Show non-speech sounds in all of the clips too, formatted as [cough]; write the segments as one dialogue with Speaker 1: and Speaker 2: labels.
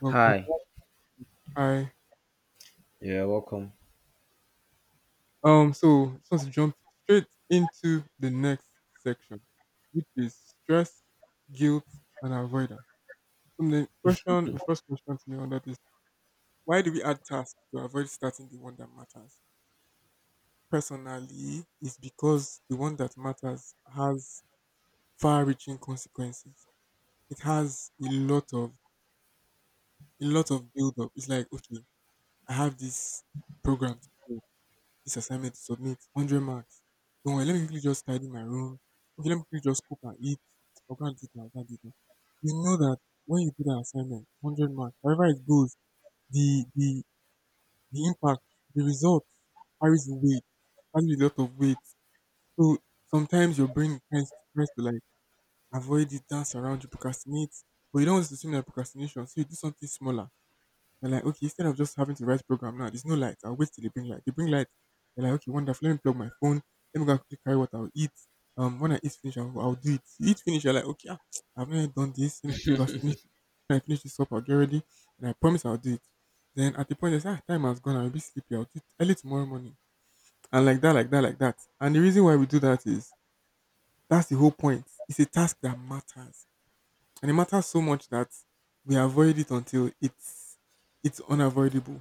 Speaker 1: Welcome
Speaker 2: Hi.
Speaker 1: back. Hi.
Speaker 2: Yeah, welcome.
Speaker 1: So just want to jump straight into the next section, which is stress, guilt, and avoidance. So the first question to you on that is, why do we add tasks to avoid starting the one that matters? Personally, it's because the one that matters has far reaching consequences. It has a lot of build up. It's like, okay, I have this program. This assignment to submit, 100 marks. Don't worry, let me quickly just tidy my room. Okay, let me quickly just cook and eat. I'll go and do it now, I'll go and do it now. You know that when you do that assignment, 100 marks, however it goes, the, the, the impact, the result carries weight, carries a lot of weight. So sometimes your brain tries to like avoid it, dance around you, procrastinate, but you don't want it to seem like procrastination. So you do something smaller. They're like, okay, instead of just having to write program now, there's no light. I'll wait till they bring light. They bring light. They're like, okay, wonderful. Let me plug my phone. Let me go and quickly carry what I'll eat. When I eat finish, I'll do it. You eat finish, you're like, okay, ah, I've not done this. Let me quickly go finish. When I finish this up, I'll get ready, and I promise I'll do it. Then at the point, they say, ah, time has gone. I'll be sleepy. I'll do it early tomorrow morning. And like that, like that, like that. And the reason why we do that is that's the whole point. It's a task that matters, and it matters so much that we avoid it until it's unavoidable.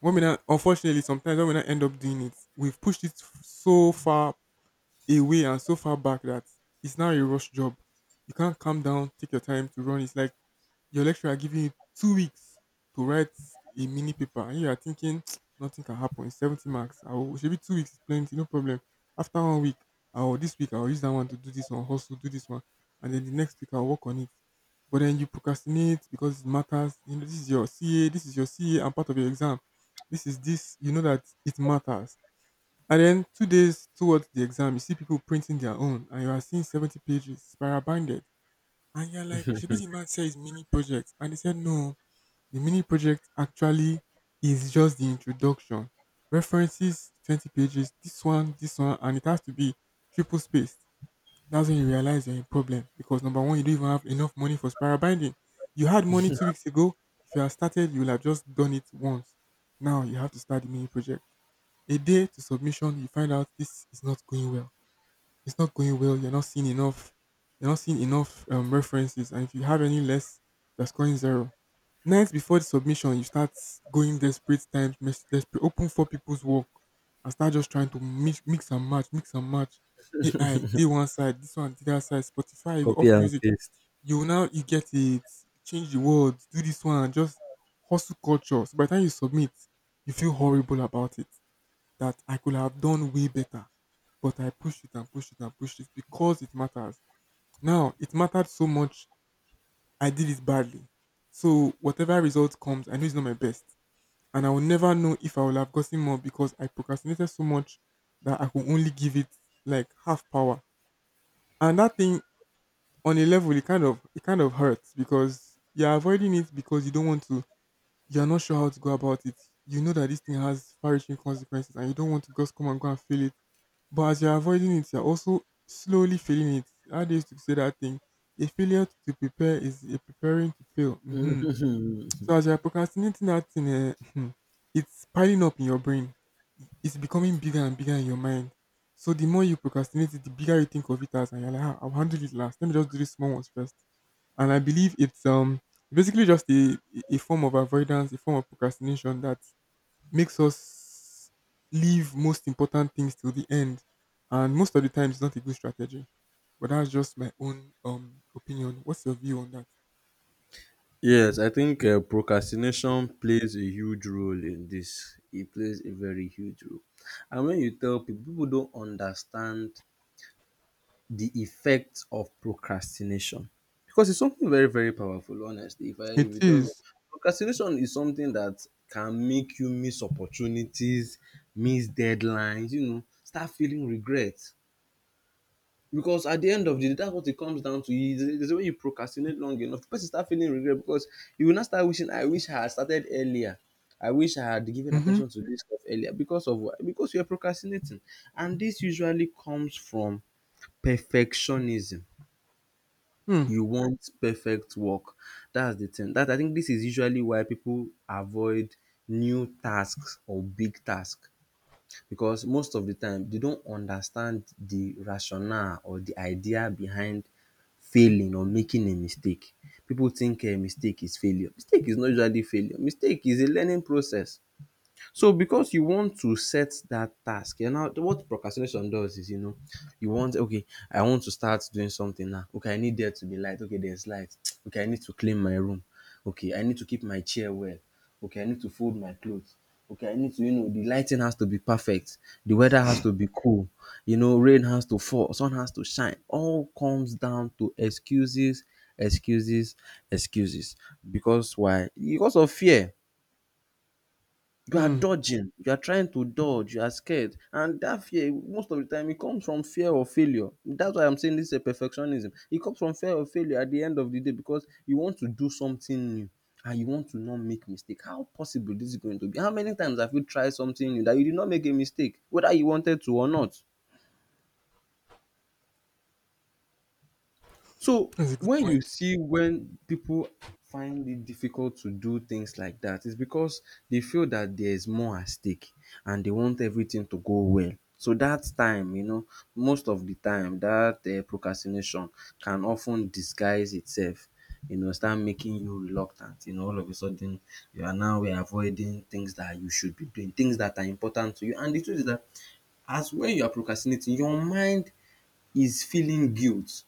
Speaker 1: When we not, unfortunately, sometimes when we not end up doing it, we've pushed it so far away and so far back that it's now a rush job. You can't calm down, take your time to run. It's like your lecturer giving you 2 weeks to write a mini paper, and you are thinking, [tsk] nothing can happen. It's 70 marks. I will should be, 2 weeks is plenty, no problem. After one week, I will this week I will use that one to do this one, hustle, do this one, and then the next week I'll work on it. But then you procrastinate because it matters. You know, this is your CA, and part of your exam. This is this. You know that it matters. And then 2 days towards the exam, you see people printing their own, and you are seeing 70 pages spiral binded, and you're like, should be, the man says mini project. And they said, no, the mini project actually is just the introduction. References, 20 pages, this one, and it has to be triple spaced. That's when you realize you're in problem, because number one, you don't even have enough money for spiral binding. You had money 2 weeks ago. If you had started, you would have just done it once. Now you have to start the mini project. A day to submission, you find out this is not going well. You're not seeing enough. You're not seeing enough references, and if you have any less, you're scoring zero. Nights before the submission, you start going desperate times, desperate, open for people's work, and start just trying to mix and match. AI, day one side, this one, the other side, Spotify, you
Speaker 2: Copy
Speaker 1: off
Speaker 2: and
Speaker 1: music.
Speaker 2: paste.
Speaker 1: You now you get it. Change the words, do this one, just hustle culture. So by the time you submit, you feel horrible about it, that I could have done way better. But I pushed it and pushed it and pushed it because it matters. Now, it mattered so much, I did it badly. So, whatever result comes, I know it's not my best. And I will never know if I will have gotten more, because I procrastinated so much that I could only give it like half power. And that thing, on a level, it kind of hurts because you're avoiding it because you don't want to, you're not sure how to go about it. You know that this thing has far-reaching consequences, and you don't want to just come and go and feel it. But as you're avoiding it, you're also slowly feeling it. How do you used to say that thing? A failure to prepare is a preparing to fail.
Speaker 2: [laughs]
Speaker 1: Hmm.
Speaker 2: Mhm.
Speaker 1: So as you're procrastinating that thing, eh, [laughs] it's piling up in your brain. It's becoming bigger and bigger in your mind. So the more you procrastinate it, the bigger you think of it as, and you're like, ah, I'll handle it last. Let me just do these small ones first. And I believe it's basically just a form of avoidance, a form of procrastination that makes us leave most important things till the end. And most of the time, it's not a good strategy. But that's just my own opinion. What's your view on that?
Speaker 2: Yes, I think procrastination plays a huge role in this. It plays a very huge role. And when you tell people, people don't understand the effects of procrastination because it's something very, very powerful. Honestly, if
Speaker 1: It
Speaker 2: you tell me,
Speaker 1: is.
Speaker 2: procrastination is something that can make you miss opportunities, miss deadlines. You know, start feeling regret. Because at the end of the day, that's what it comes down to. Is when you procrastinate long enough, the person start feeling regret because you will not start wishing, I wish I had started earlier. I wish I had given
Speaker 1: Mm-hmm.
Speaker 2: attention to this stuff earlier. Because of what? Because you're procrastinating. And this usually comes from perfectionism.
Speaker 1: Hmm.
Speaker 2: You want perfect work. That's the thing. That I think this is usually why people avoid new tasks or big tasks because most of the time they don't understand the rationale or the idea behind failing or making a mistake. People think mistake is failure. Mistake is not usually failure. Mistake is a learning process. So because you want to set that task, you know what procrastination does is, you know, you want okay, I want to start doing something now. Okay, I need there to be light. Okay, there's light. [tsk] Okay, I need to clean my room. Okay, I need to keep my chair well. Okay, I need to fold my clothes. Okay, I need to, you know, the lighting has to be perfect. The weather has to be cool. You know, rain has to fall, sun has to shine. All comes down to excuses, excuses, excuses. Because why? Because of fear, you are
Speaker 1: Hmm.
Speaker 2: dodging, you are trying to dodge, you are scared. And that fear, most of the time, it comes from fear of failure. That's why I'm saying this is a perfectionism. It comes from fear of failure at the end of the day because you want to do something new and you want to not make mistake. How possible this is going to be? How many times have you tried something new that you did not make a mistake, whether you wanted to or not? So
Speaker 1: That's a good
Speaker 2: when you
Speaker 1: point.
Speaker 2: see when people find it difficult to do things like that, it's because they feel that there's more at stake and they want everything to go well. So that time, you know, most of the time, that procrastination can often disguise itself, you know, start making you reluctant. You know, all of a sudden, you are now avoiding things that you should be doing, things that are important to you. And the truth is that as when you are procrastinating, your mind is feeling guilt.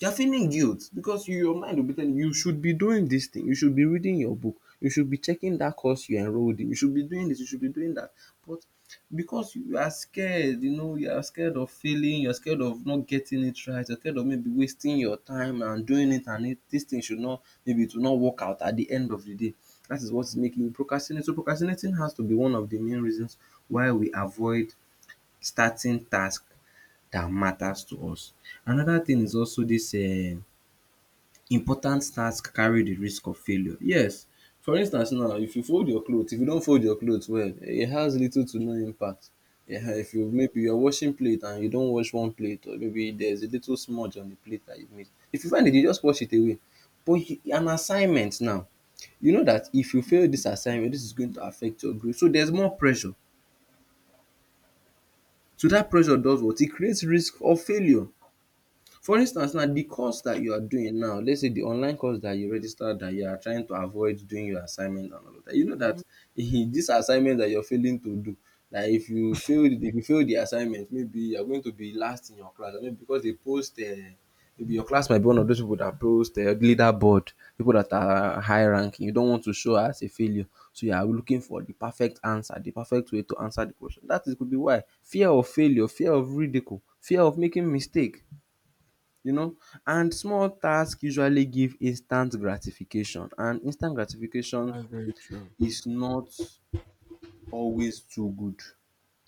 Speaker 2: You're feeling guilt because your mind will be telling you, you should be doing this thing, you should be reading your book, you should be checking that course you enrolled in, you should be doing this, you should be doing that. But because you are scared, you know, you are scared of failing, you're scared of not getting it right, you're scared of maybe wasting your time and doing it, and this thing should not, maybe it will not work out at the end of the day. That is what's making you procrastinate. So procrastinating has to be one of the main reasons why we avoid starting task that matters to us. Another thing is also this important task carry the risk of failure. Yes, for instance now if you fold your cloth, if you don't fold your cloth well, eh, it has little to no impact.
Speaker 1: Yeah.
Speaker 2: If you maybe you are washing plate and you don't wash one plate or maybe there is a little smudge on the plate that you made, if you find it you just wash it away. But you, an assignment now, you know that if you fail this assignment this is going to affect your grade, so there is more pressure. So that pressure does what? It creates risk of failure. For instance now the course that you are doing now, let's say the online course that you registered that you are trying to avoid doing your assignment and all of that, you know
Speaker 1: Hmm.
Speaker 2: that [laughs] this assignment that you're failing to do, that if you fail the assignment maybe you're going to be last in your class, I mean, because they post maybe your class might be one of those people that post leaderboard, people that are high ranking, you don't want to show as a failure. So you are looking for the perfect answer, the perfect way to answer the question. That is could be why. Fear of failure, fear of ridicule, fear of making mistake, you know, and small tasks usually give instant gratification, and instant gratification
Speaker 1: That's very true.
Speaker 2: is not always too good.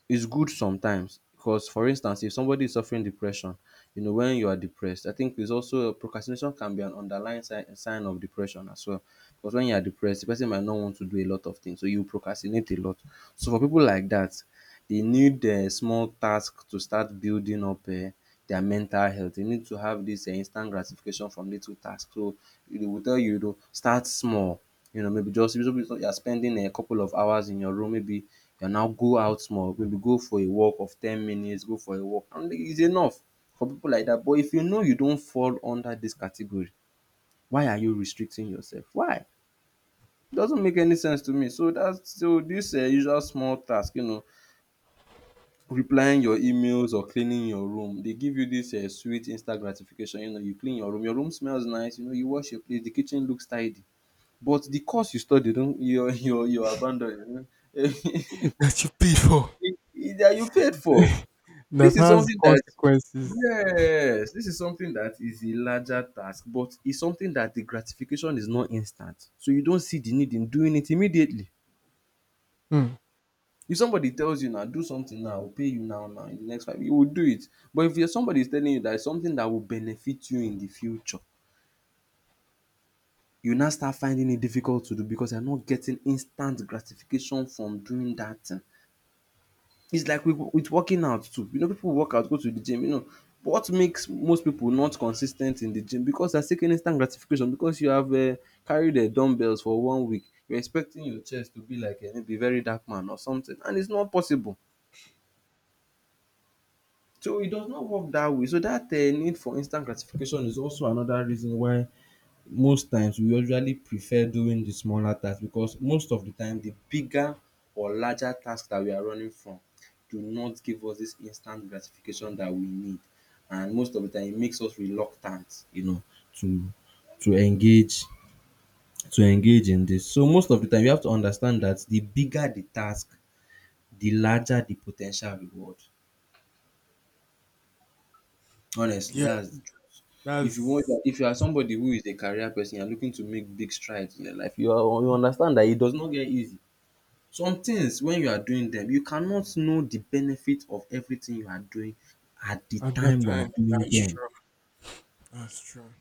Speaker 2: It's good sometimes because for instance if somebody is suffering depression, you know, when you are depressed I think it's also procrastination can be an underlying sign of depression as well, because when you are depressed the person might not want to do a lot of things so you procrastinate a lot. So for people like that, they need small task to start building up their mental health. They need to have this instant gratification from little task, so they will tell you, you know, start small. You know, maybe just you are spending a couple of hours in your room, maybe you now go out small, maybe go for a walk of 10 minutes, go for a walk and it's enough for people like that. But if you know you don't fall under this category, why are you restricting yourself? Why? It doesn't make any sense to me. So that's, so this usual small task, you know, replying your emails or cleaning your room, they give you this sweet instant gratification. You know, you clean your room smells nice, you know, you wash your plate, the kitchen looks tidy. But the course you study, don you [laughs] you abandon. [laughs] That
Speaker 1: [laughs] That you paid for.
Speaker 2: you paid for.
Speaker 1: [laughs] That
Speaker 2: This is
Speaker 1: has
Speaker 2: something that,
Speaker 1: consequences.
Speaker 2: yes, this is something that is a larger task, but it's something that the gratification is not instant. So you don't see the need in doing it immediately.
Speaker 1: Hmm.
Speaker 2: If somebody tells you now, do something now, I'll pay you now, now in the next five, you will do it. But if you're somebody is telling you that it's something that will benefit you in the future, you now start finding it difficult to do because you're not getting instant gratification from doing that thing. It's like with working out too. You know, people work out, go to the gym, you know. But what makes most people not consistent in the gym because they're seeking instant gratification, because you have carried the dumbbells for one week. You're expecting your chest to be like maybe very dark man or something, and it's not possible. So it does not work that way. So that need for instant gratification is also another reason why most times we usually prefer doing the smaller tasks, because most of the time the bigger or larger tasks that we are running from do not give us this instant gratification that we need, and most of the time it makes us reluctant, you know, to to engage engage in this. So most of the time you have to understand that the bigger the task, the larger the potential reward. Honestly,
Speaker 1: Yeah,
Speaker 2: that's the truth. If you want,
Speaker 1: that's it.
Speaker 2: if you are somebody who is a career person, you are looking to make big strides in your life, you are, you understand that it does not get easy. Some things when you are doing them, you cannot know the benefit of everything you are doing at the
Speaker 1: At that
Speaker 2: time you are
Speaker 1: time.
Speaker 2: doing
Speaker 1: That's
Speaker 2: them.
Speaker 1: true. That's true.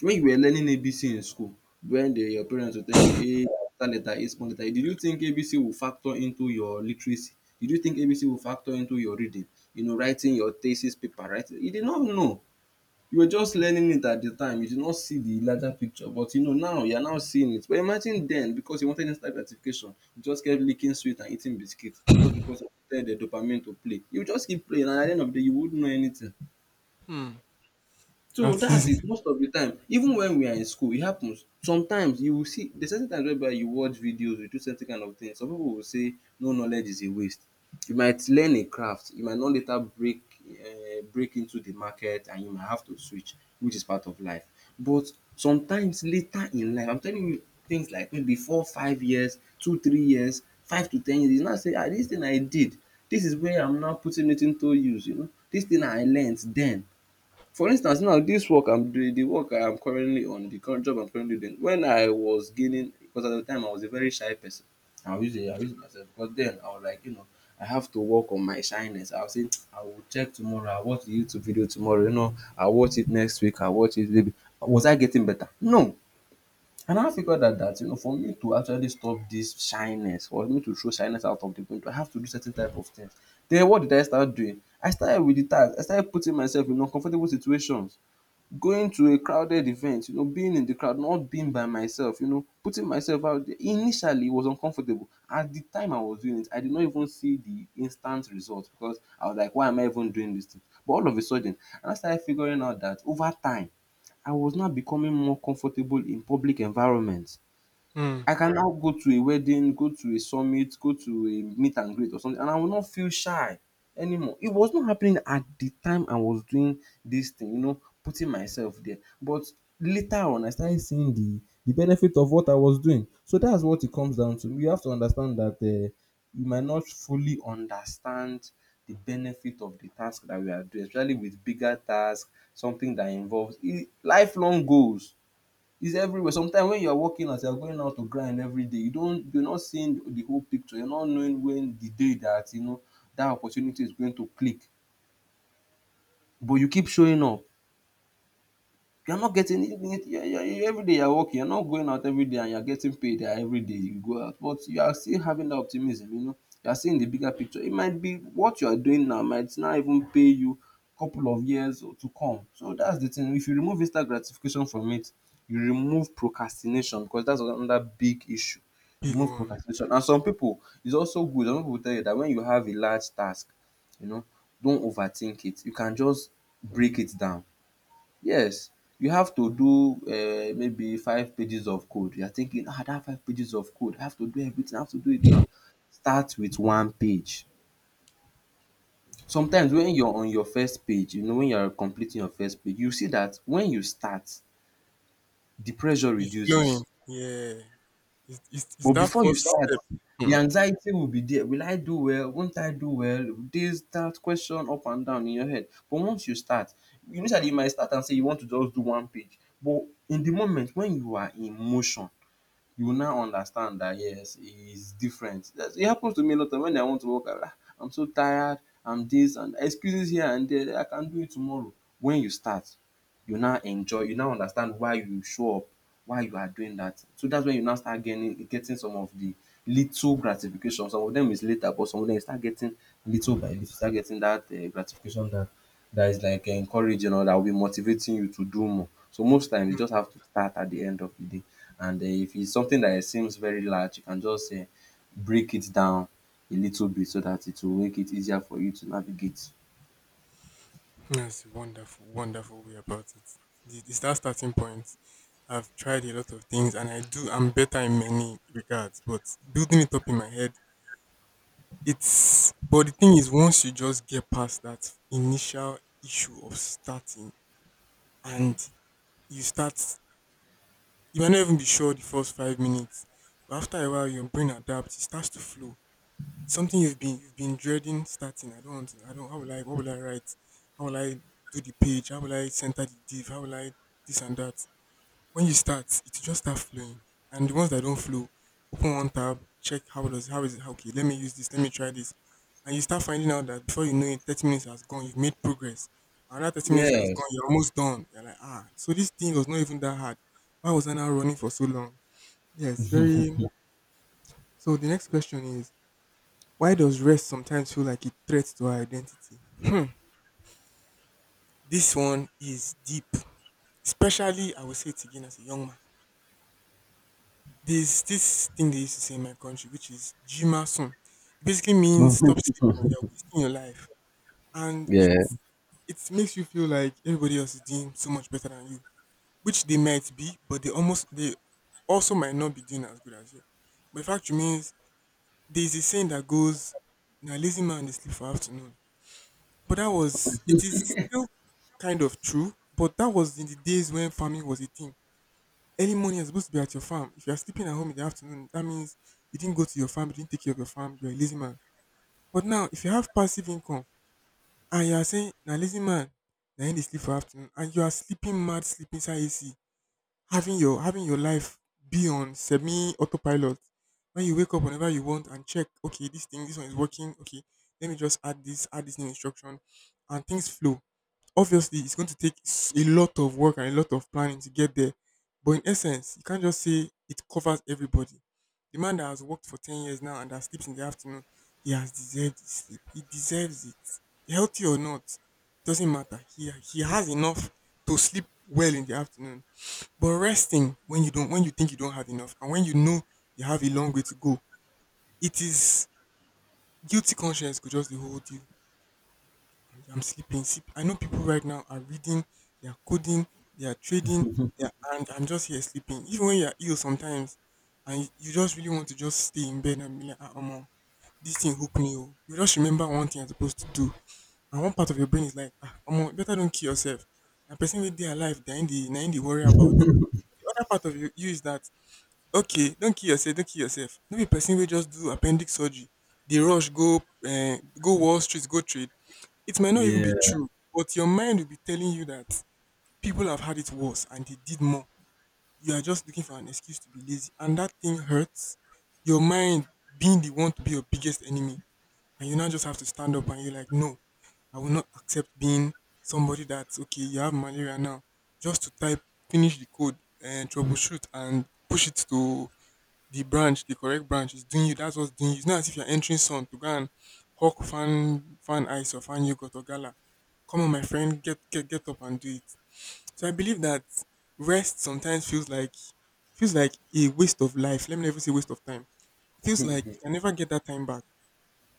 Speaker 2: When you were learning ABC in school, when the your parents will tell you A capital letter, A small letter, did you think ABC will factor into your literacy? Did you think ABC will factor into your reading? You know, writing your thesis paper, right? You did not know. You were just learning it at the time. You did not see the larger picture, but you know, now you are now seeing it. But imagine then, because you wanted instant gratification, you just kept licking sweet and eating biscuit. Just because you wanted the dopamine to play, you just keep playing, and at the end of the day, you wouldn't know anything.
Speaker 1: Hmm.
Speaker 2: So
Speaker 1: That
Speaker 2: that's
Speaker 1: is.
Speaker 2: it. Most of the time, even when we are in school, it happens. Sometimes you will see there's certain times whereby you watch videos, you do certain kind of things. Some people will say no knowledge is a waste. You might learn a craft, you might not later break into the market, and you might have to switch, which is part of life. But sometimes later in life, I'm telling you, things like maybe 4, 5 years, 2, 3 years, 5 to 10 years, you now say, ah, this thing I did, this is where I'm now putting it into use. You know, this thing I learnt then. For instance, now this work I'm doing, the work I am currently on, the current job I'm currently doing, when I was gaining, because at the time I was a very shy person. I'll use it myself, because then I was like, you know, I have to work on my shyness. I'll say [tsk] I will check tomorrow, I'll watch the YouTube video tomorrow, you know, I'll watch it next week, I'll watch it maybe. Was I getting better? No. And I figured out that, you know, for me to actually stop this shyness, for me to show shyness out of the window, I have to do certain type of things. Then what did I start doing? I started with the task. I started putting myself in uncomfortable situations, going to a crowded event, you know, being in the crowd, not being by myself, you know, putting myself out there. Initially, it was uncomfortable. At the time I was doing it, I did not even see the instant result, because I was like, why am I even doing this thing? But all of a sudden, and I started figuring out that over time, I was now becoming more comfortable in public environments.
Speaker 1: [laughs] Hmm.
Speaker 2: I can now go to a wedding, go to a summit, go to a meet and greet or something, and I will not feel shy anymore. It was not happening at the time I was doing this thing, you know, putting myself there. But later on, I started seeing the benefit of what I was doing. So that's what it comes down to. You have to understand that you might not fully understand the benefit of the task that we are doing, especially with bigger tasks, something that involves lifelong goals. It's everywhere. Sometimes when you are working, as you are going out to grind every day, you're not seeing the whole picture. You're not knowing when the day that, you know, that opportunity is going to click, but you keep showing up. You're not getting it. You every day you're working. You're not going out every day, and you're getting paid every day you go out. But you are still having that optimism, you know. You're seeing the bigger picture. It might be what you're doing now might not even pay you a couple of years or to come. So that's the thing. If you remove instant gratification from it, you remove procrastination, because that's another big issue. You
Speaker 1: Big
Speaker 2: remove
Speaker 1: one.
Speaker 2: procrastination. And some people, it's also good. Some people tell you that when you have a large task, you know, don't overthink it. You can just break it down. Yes, you have to do, maybe five pages of code. You are thinking, ah, dat five pages of code, I have to do everything, I have to do it now.
Speaker 1: It
Speaker 2: Start with one page. Sometimes when you are on your first page, you know, when you are completing your first page, you see that when you start, the pressure
Speaker 1: be flowing.
Speaker 2: reduces.
Speaker 1: Yeah. It's
Speaker 2: But
Speaker 1: that
Speaker 2: before you
Speaker 1: first
Speaker 2: start,
Speaker 1: step.
Speaker 2: the
Speaker 1: Hmm.
Speaker 2: anxiety will be there. Will I do well? Won't I do well? This that question up and down in your head, but once you start, initially you might start and say you want to just do one page, but in the moment, when you are in motion, you will now understand that yes, he is different. That's, it happens to me a lot of when I want to work out. "Ah, I'm so tired, I'm this, and excuses here and there, I can do it tomorrow." When you start, you now enjoy, you now understand why you show up, why you are doing that. So that's when you now start getting some of the little gratification. Some of them is later, but some of them you start getting little by little. You start getting that gratification that is like encouraging, or that will be motivating you to do more. So most times you
Speaker 1: Hmm.
Speaker 2: just have to start at the end of the day. And if it's something that seems very large, you can just break it down a little bit, so that it will make it easier for you to navigate.
Speaker 1: That's a wonderful, wonderful way about it. It's that starting point. I've tried a lot of things and I do, I'm better in many regards, but building it up in my head. It's but the thing is, once you just get past that initial issue of starting, and you start, you might not even be sure the first 5 minutes. But after a while your brain adapts, it starts to flow. It's something you've been dreading starting. I don't want to, I don't, how will I, what will I write? How will I do the page? How will I center the div? How will I this and that? When you start, it will just start flowing. And the ones that don't flow, open one tab, check, how does how is it how- okay, let me use this, let me try this. And you start finding out that before you know it, 30 minutes has gone, you've made progress. Another 30 minutes has
Speaker 2: Yes.
Speaker 1: gone,
Speaker 2: [laughs]
Speaker 1: you're almost done. You're like, ah, so this thing was not even that hard. Why was I now running for so long? Yes, very. So the next question is, why does rest sometimes feel like it threats to our identity? Hmm, this one is deep. Especially, I would say it again, as a young man. There's this thing they used to say in my country, which is "jimasun." It basically means stop
Speaker 2: Mhm.
Speaker 1: sleeping. You're wasting your life, and it
Speaker 2: Yeah.
Speaker 1: it makes you feel like everybody else is doing so much better than you, which they might be, but they also might not be doing as good as you. But the fact remains, there's a saying that goes, "Na lazy man they sleep for afternoon." But that was, it is still kind of true, but that was in the days when farming was a thing. Early morning, you're supposed to be at your farm. If you're sleeping at home in the afternoon, that means you didn't go to your farm, you didn't take care of your farm, you're a lazy man. But now, if you have passive income and you're saying, now lazy man, now in the sleep for afternoon, and you are sleeping mad, sleeping inside AC, having your life be on semi autopilot. When you wake up whenever you want and check, okay, this thing, this one is working, okay, let me just add this new instruction, and things flow. Obviously, it's going to take a lot of work and a lot of planning to get there. But in essence, you can't just say it covers everybody. The man that has worked for 10 years now and that sleeps in the afternoon, he has deserved his sleep. He deserves it. Healthy or not, doesn't matter. He has enough to sleep well in the afternoon. But resting when you don't, when you think you don't have enough, and when you know you have a long way to go, it is, guilty conscience could just dey hold you. I'm sleeping. Sleep. I know people right now are reading, they are coding, they are trading, they are, and I'm just here sleeping. Even when you're ill sometimes, and you just really want to just stay in bed and be like, ah, Omo, this thing hook me. Oh." You just remember one thing you're supposed to do, and one part of your brain is like, "Ah, Omo, you better don't kill yourself." And person with their life, they're in the worry about. The other part of you is that, okay, don't kill yourself, don't kill yourself. No be person will just do appendix surgery. They rush, go Wall Street, go trade, it might not even be
Speaker 2: Yeah.
Speaker 1: true, but your mind will be telling you that people have had it worse and they did more. You are just looking for an excuse to be lazy, and that thing hurts. Your mind being the one to be your biggest enemy, and you now just have to stand up and you're like, no, I will not accept being somebody that's okay. You have malaria now, just to type, finish the code, and troubleshoot, and push it to the correct branch is doing you. That's what's doing you. It's not as if you're entering Sun to go and hawk fan ice or fan yogurt or gala. Come on, my friend, get up and do it. So I believe that rest sometimes feels like a waste of life. Let me never say waste of time. It feels like you can never get that time back.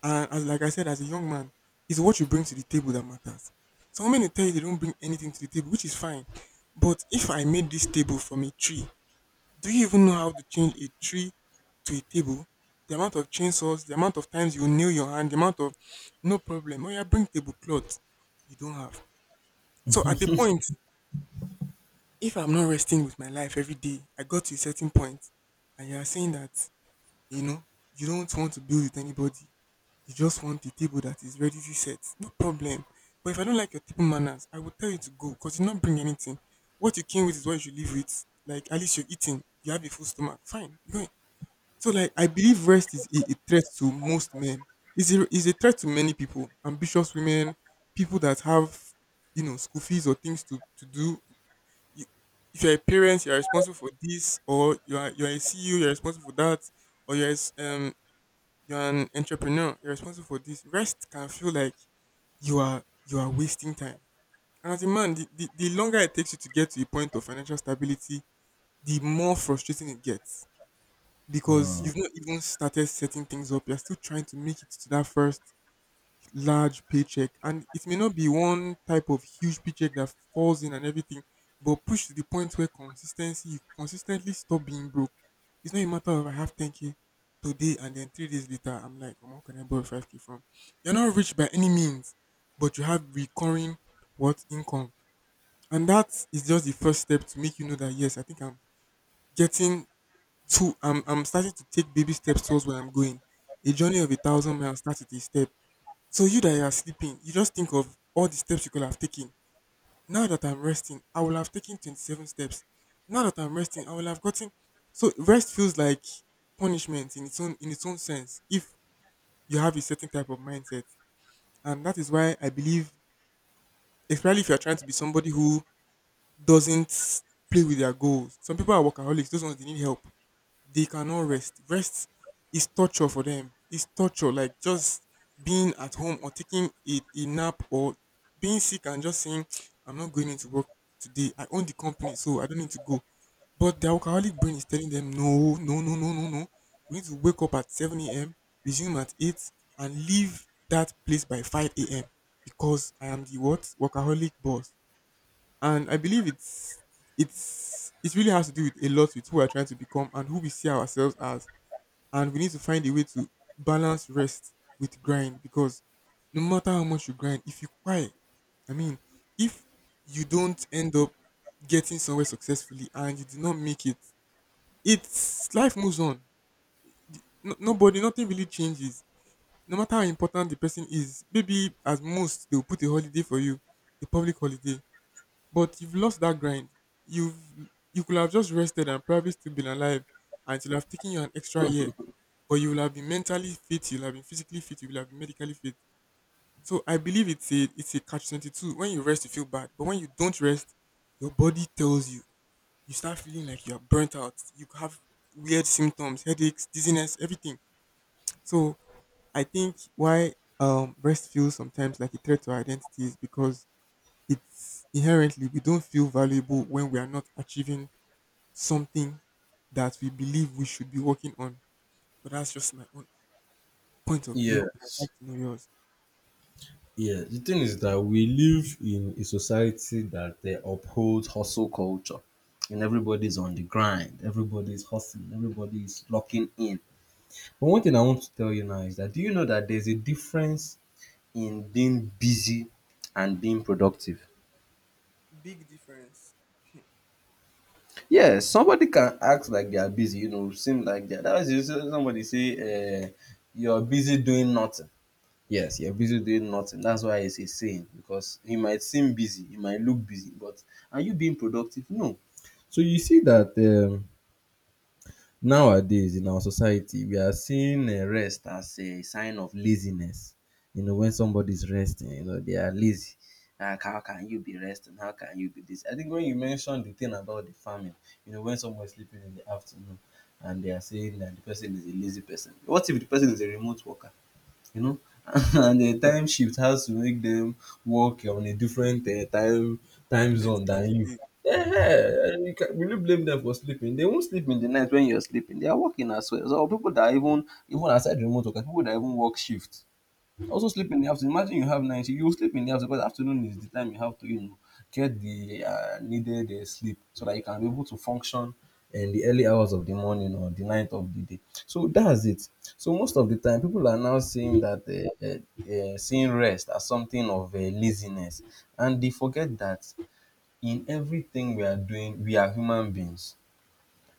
Speaker 1: And as like I said, as a young man, it's what you bring to the table that matters. Some men will tell you they don't bring anything to the table, which is fine. But if I made this table from a tree, do you even know how to change a tree to a table? The amount of chainsaws, the amount of times you nail your hand, the amount of, no problem. Oh yeah, bring tablecloth. You don't have. So at a point, if I'm not resting with my life every day, I got to a certain point, and you are saying that, you know, you don't want to build with anybody. You just want a table that is ready to set. No problem. But if I don't like your table manners, I will tell you to go because you not bring anything. What you came with is what you should leave with. Like at least you're eating. You have a full stomach. Fine. Go. So like I believe rest is a threat to most men. It's a threat to many people, ambitious women, people that have, school fees or things to do. You, if you're a parent, you're responsible for this, or you're a CEO, you're responsible for that, or you're you're an entrepreneur, you're responsible for this. Rest can feel like you are wasting time. And as a man, the longer it takes you to get to a point of financial stability, the more frustrating it gets because
Speaker 2: Hmm.
Speaker 1: you've not even started setting things up. You're still trying to make it to that first large paycheck. And it may not be one type of huge paycheck that falls in and everything, but push to the point where consistency, you consistently stop being broke. It's not a matter of I have 10K today, and then 3 days later, I'm like, "Omo, where can I borrow 5K from?" You're not rich by any means, but you have recurring what income. And that is just the first step to make you know that, yes, I think I'm getting. So I'm starting to take baby steps towards where I'm going. A journey of a thousand miles starts with a step. So you that you are sleeping, you just think of all the steps you could have taken. Now that I'm resting, I will have taken 27 steps. Now that I'm resting, I will have gotten. So rest feels like punishment in its own sense if you have a certain type of mindset, and that is why I believe, especially if you are trying to be somebody who doesn't play with their goals. Some people are workaholics; those ones they need help. They cannot rest. Rest is torture for them. It's torture. Like just being at home or taking a nap or being sick and just saying, [tsk] I'm not going into work today. I own the company, so I don't need to go. But the alcoholic brain is telling them, no, no, no, no, no, no. We need to wake up at 7 a.m., resume at 8, and leave that place by 5 a.m. because I am the what? Workaholic boss. And I believe it really has to do with a lot with who we're trying to become and who we see ourselves as, and we need to find a way to balance rest with grind because no matter how much you grind, if you cry, I mean, if you don't end up getting somewhere successfully and you do not make it, it's life moves on. No, nobody, nothing really changes. No matter how important the person is, maybe at most they'll put a holiday for you, a public holiday, but you've lost that grind. You've you could have just rested and probably still been alive, and it would have taken you an extra year. But you will have been mentally fit, you'll have been physically fit, you will have been medically fit. So I believe it's a catch 22. When you rest, you feel bad, but when you don't rest, your body tells you. You start feeling like you are burnt out. You have weird symptoms, headaches, dizziness, everything. So I think why rest feels sometimes like a threat to our identity is because it's inherently we don't feel valuable when we are not achieving something that we believe we should be working on. But that's just my own point of view, and I'd
Speaker 2: Yes.
Speaker 1: like to know yours.
Speaker 2: Yeah. The thing is that we live in a society that they uphold hustle culture. And everybody's on the grind. Everybody's hustling. Everybody's locking in. But one thing I want to tell you now is that, do you know that there's a difference in being busy and being productive?
Speaker 1: Big difference.
Speaker 2: Yeah, somebody can act like they are busy, you know, seem like they are. That is, somebody say, you're busy doing nothing. Yes, you're busy doing nothing. That's why it's a saying, because you might seem busy, you might look busy, but are you being productive? No. So you see that, nowadays in our society, we are seeing rest as a sign of laziness. You know, when somebody is resting, you know, they are lazy. Like, how can you be resting? How can you be this? I think when you mentioned the thing about the farming, you know, when someone is sleeping in the afternoon, and they are saying that the person is a lazy person. What if the person is a remote worker? You know, [laughs] and the time shift has to make them work on a different time zone than you.
Speaker 1: Exactly.
Speaker 2: Yeah, will you blame them for sleeping? They won't sleep in the night when you're sleeping. They are working as well. So people that, even aside remote work, people that even work shift. I also sleep in the afternoon. Imagine you have night, you will sleep in the afternoon, because afternoon is the time you have to, you know, get the needed sleep, so that you can be able to function in the early hours of the morning or the night of the day. So that's it. So most of the time, people are now saying that, seeing rest as something of laziness, and they forget that in everything we are doing, we are human beings,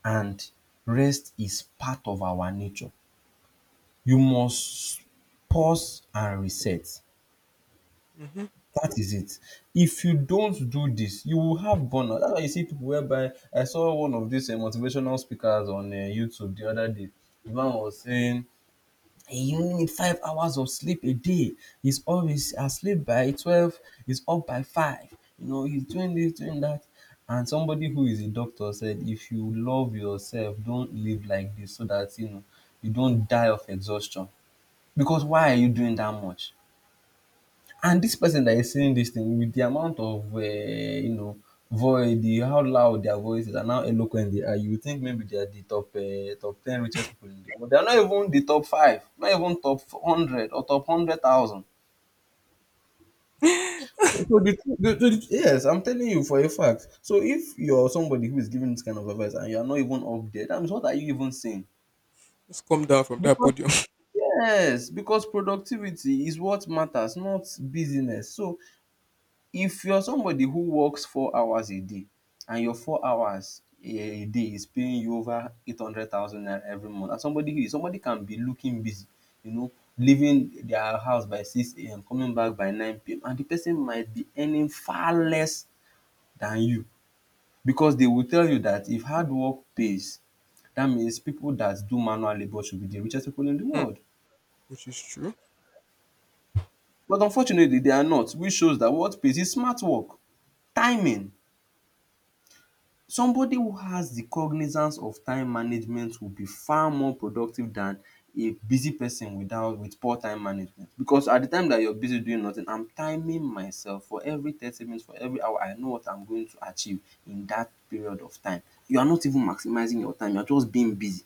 Speaker 2: and rest is part of our nature. You must pause and reset.
Speaker 1: Mm-hmm.
Speaker 2: That is it. If you don't do this, you will have burnout. That's why you see people whereby, I saw one of these motivational speakers on YouTube the other day. The man was saying, "Hey, you need 5 hours of sleep a day. He's always asleep by 12, he's up by 5. You know, he's doing this, doing that." And somebody who is a doctor said, if you love yourself, don't live like this, so that, you know, you don't die of exhaustion. Because why are you doing that much? And this person that is saying this thing, with the amount of, you know, voice, the how loud their voices and how eloquent they are, you would think maybe they are the top, ten richest people in the world. They are not even the top five, not even top 100 or top 100,000. So yes, I'm telling you for a fact. So if you're somebody who is giving this kind of advice and you are not even up there, that means what are you even saying?
Speaker 1: Let's come down from that
Speaker 2: Because
Speaker 1: podium.
Speaker 2: yes, because productivity is what matters, not business. So, if you are somebody who works 4 hours a day, and your 4 hours a day is paying you over 800,000 naira every month, and somebody can be looking busy, you know, leaving their house by 6 a.m., coming back by 9 p.m., and the person might be earning far less than you, because they will tell you that if hard work pays, that means people that do manual labour should be the richest people in the
Speaker 1: [laughs] Hmm.
Speaker 2: world.
Speaker 1: Which is true.
Speaker 2: But unfortunately they are not, which shows that what pays is smart work, timing. Somebody who has the cognizance of time management will be far more productive than a busy person without with poor time management, because at the time that you're busy doing nothing, I'm timing myself. For every 30 minutes, for every hour, I know what I'm going to achieve in that period of time. You are not even maximizing your time, you are just being busy.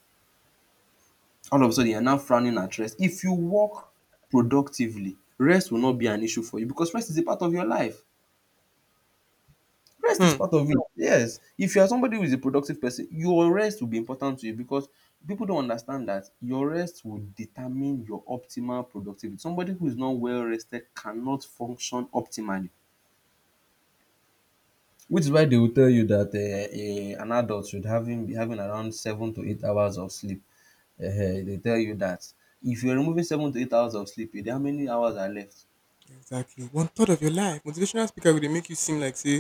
Speaker 2: All of a sudden you are now frowning at rest. If you work productively, rest will not be an issue for you, because rest is a part of your life. Rest is
Speaker 1: Hmm.
Speaker 2: part of it. Yes. If you are somebody who is a productive person, your rest will be important to you because people don't understand that your rest will determine your optimal productivity. Somebody who is not well rested cannot function optimally. Which is why they will tell you that an adult should having around 7 to 8 hours of sleep. They tell you that if you're removing 7 to 8 hours of sleep, eh, how many hours are left?
Speaker 1: Exactly. One third of your life. Motivational speaker will dey make you seem like say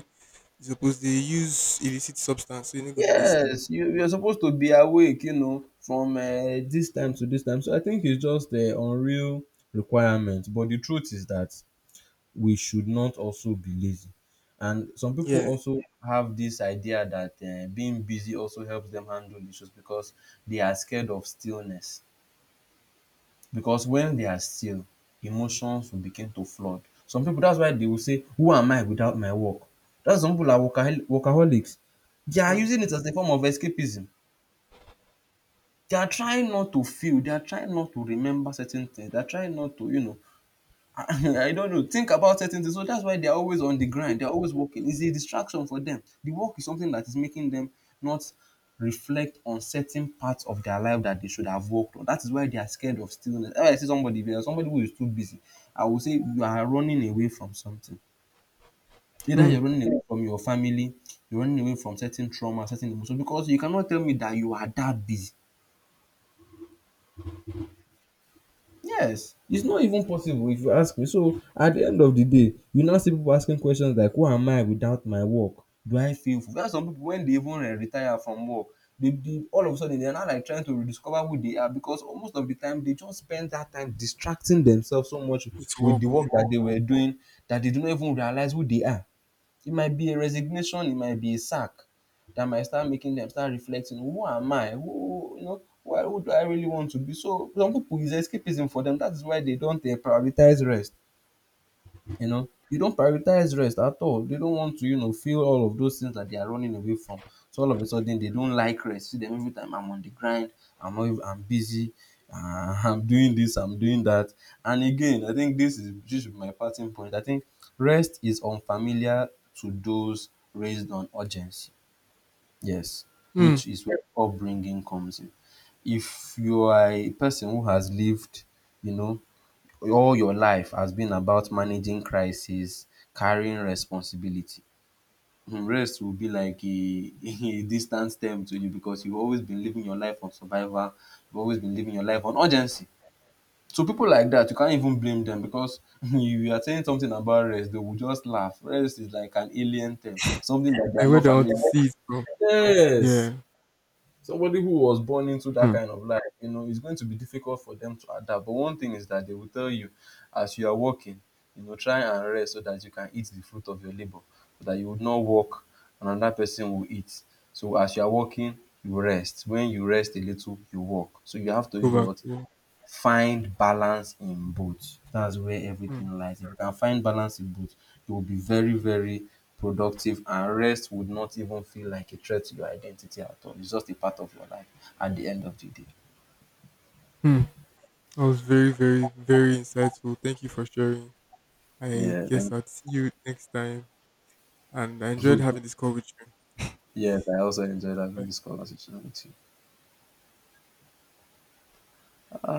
Speaker 1: you suppose they use illicit substance so you no go fit dey sleep.
Speaker 2: Yes, you you're supposed to be awake, from this time to this time. So I think it's just the unreal requirement. But the truth is that we should not also be lazy. And some people
Speaker 1: Yeah.
Speaker 2: also have this idea that being busy also helps them handle issues because they are scared of stillness. Because when they are still, emotions will begin to flood. Some people, that's why they will say, "Who am I without my work?" That's some people are workaholics. They are
Speaker 1: Hmm.
Speaker 2: using it as a form of escapism. They are trying not to feel. They are trying not to remember certain things. They are trying not to, [laughs] I don't know, think about certain things. So that's why they are always on the grind. They are always working. It's a distraction for them. The work is something that is making them not reflect on certain parts of their life that they should have worked on. That is why they are scared of stillness. If I see somebody, if you are somebody who is too busy, I will say you are running away from something. Either
Speaker 1: Hmm.
Speaker 2: you're running away from your family, you're running away from certain trauma, certain emotions, because you cannot tell me that you are that busy. Yes, it's not even possible if you ask me. So at the end of the day, you now see people asking questions like, "Who am I without my work? Do I feel full?" That's some people when they even retire from work, they all of a sudden they are now like trying to rediscover who they are because most of the time they just spend that time distracting themselves so much
Speaker 1: It's
Speaker 2: with the
Speaker 1: work,
Speaker 2: work
Speaker 1: work,
Speaker 2: that
Speaker 1: work.
Speaker 2: they were doing that they do not even realize who they are. It might be a resignation, it might be a sack that might start making them start reflecting, who am I? Who you know, why who do I really want to be? So some people is escapism for them. That is why they don't prioritize rest. You don't prioritize rest at all. They don't want to, feel all of those things that they are running away from. So all of a sudden, they don't like rest. See them every time I'm on the grind, I'm always, I'm busy, [laughs] I'm doing this, I'm doing that. And again, I think this is just my parting point. I think rest is unfamiliar to those raised on urgency. Yes,
Speaker 1: Hmm.
Speaker 2: which is where upbringing comes in. If you are a person who has lived, you know, all your life has been about managing crisis, carrying responsibility. Hmm, rest will be like a [laughs] a distant term to you because you've always been living your life on survival, you've always been living your life on urgency. So people like that, you can't even blame them because [laughs] you are saying something about rest, they will just laugh. Rest is like an alien term, something that they are
Speaker 1: Like where
Speaker 2: not
Speaker 1: do I want
Speaker 2: familiar
Speaker 1: to
Speaker 2: with.
Speaker 1: see it from?
Speaker 2: Yes.
Speaker 1: Yeah.
Speaker 2: Somebody who was born into that
Speaker 1: Hmm.
Speaker 2: kind of life, it's going to be difficult for them to adapt. But one thing is that they will tell you as you are working, try and rest so that you can eat the fruit of your labor, so that you would not work and another person will eat. So as you are working, you rest. When you rest a little, you work. So you have to
Speaker 1: Go
Speaker 2: do
Speaker 1: back
Speaker 2: what
Speaker 1: to work.
Speaker 2: find balance in both. That's where
Speaker 1: Hmm.
Speaker 2: everything lies. If you can find balance in both, you will be very, very productive, and rest would not even feel like a threat to your identity at all. It's just a part of your life at the end of the day.
Speaker 1: Hmm. That was very, very, very insightful. Thank you for sharing. I
Speaker 2: Yeah,
Speaker 1: guess
Speaker 2: thank.
Speaker 1: I'll see you next time. And I enjoyed having this call with you.
Speaker 2: Yes, I also enjoyed having this
Speaker 1: Bye.
Speaker 2: conversation with you.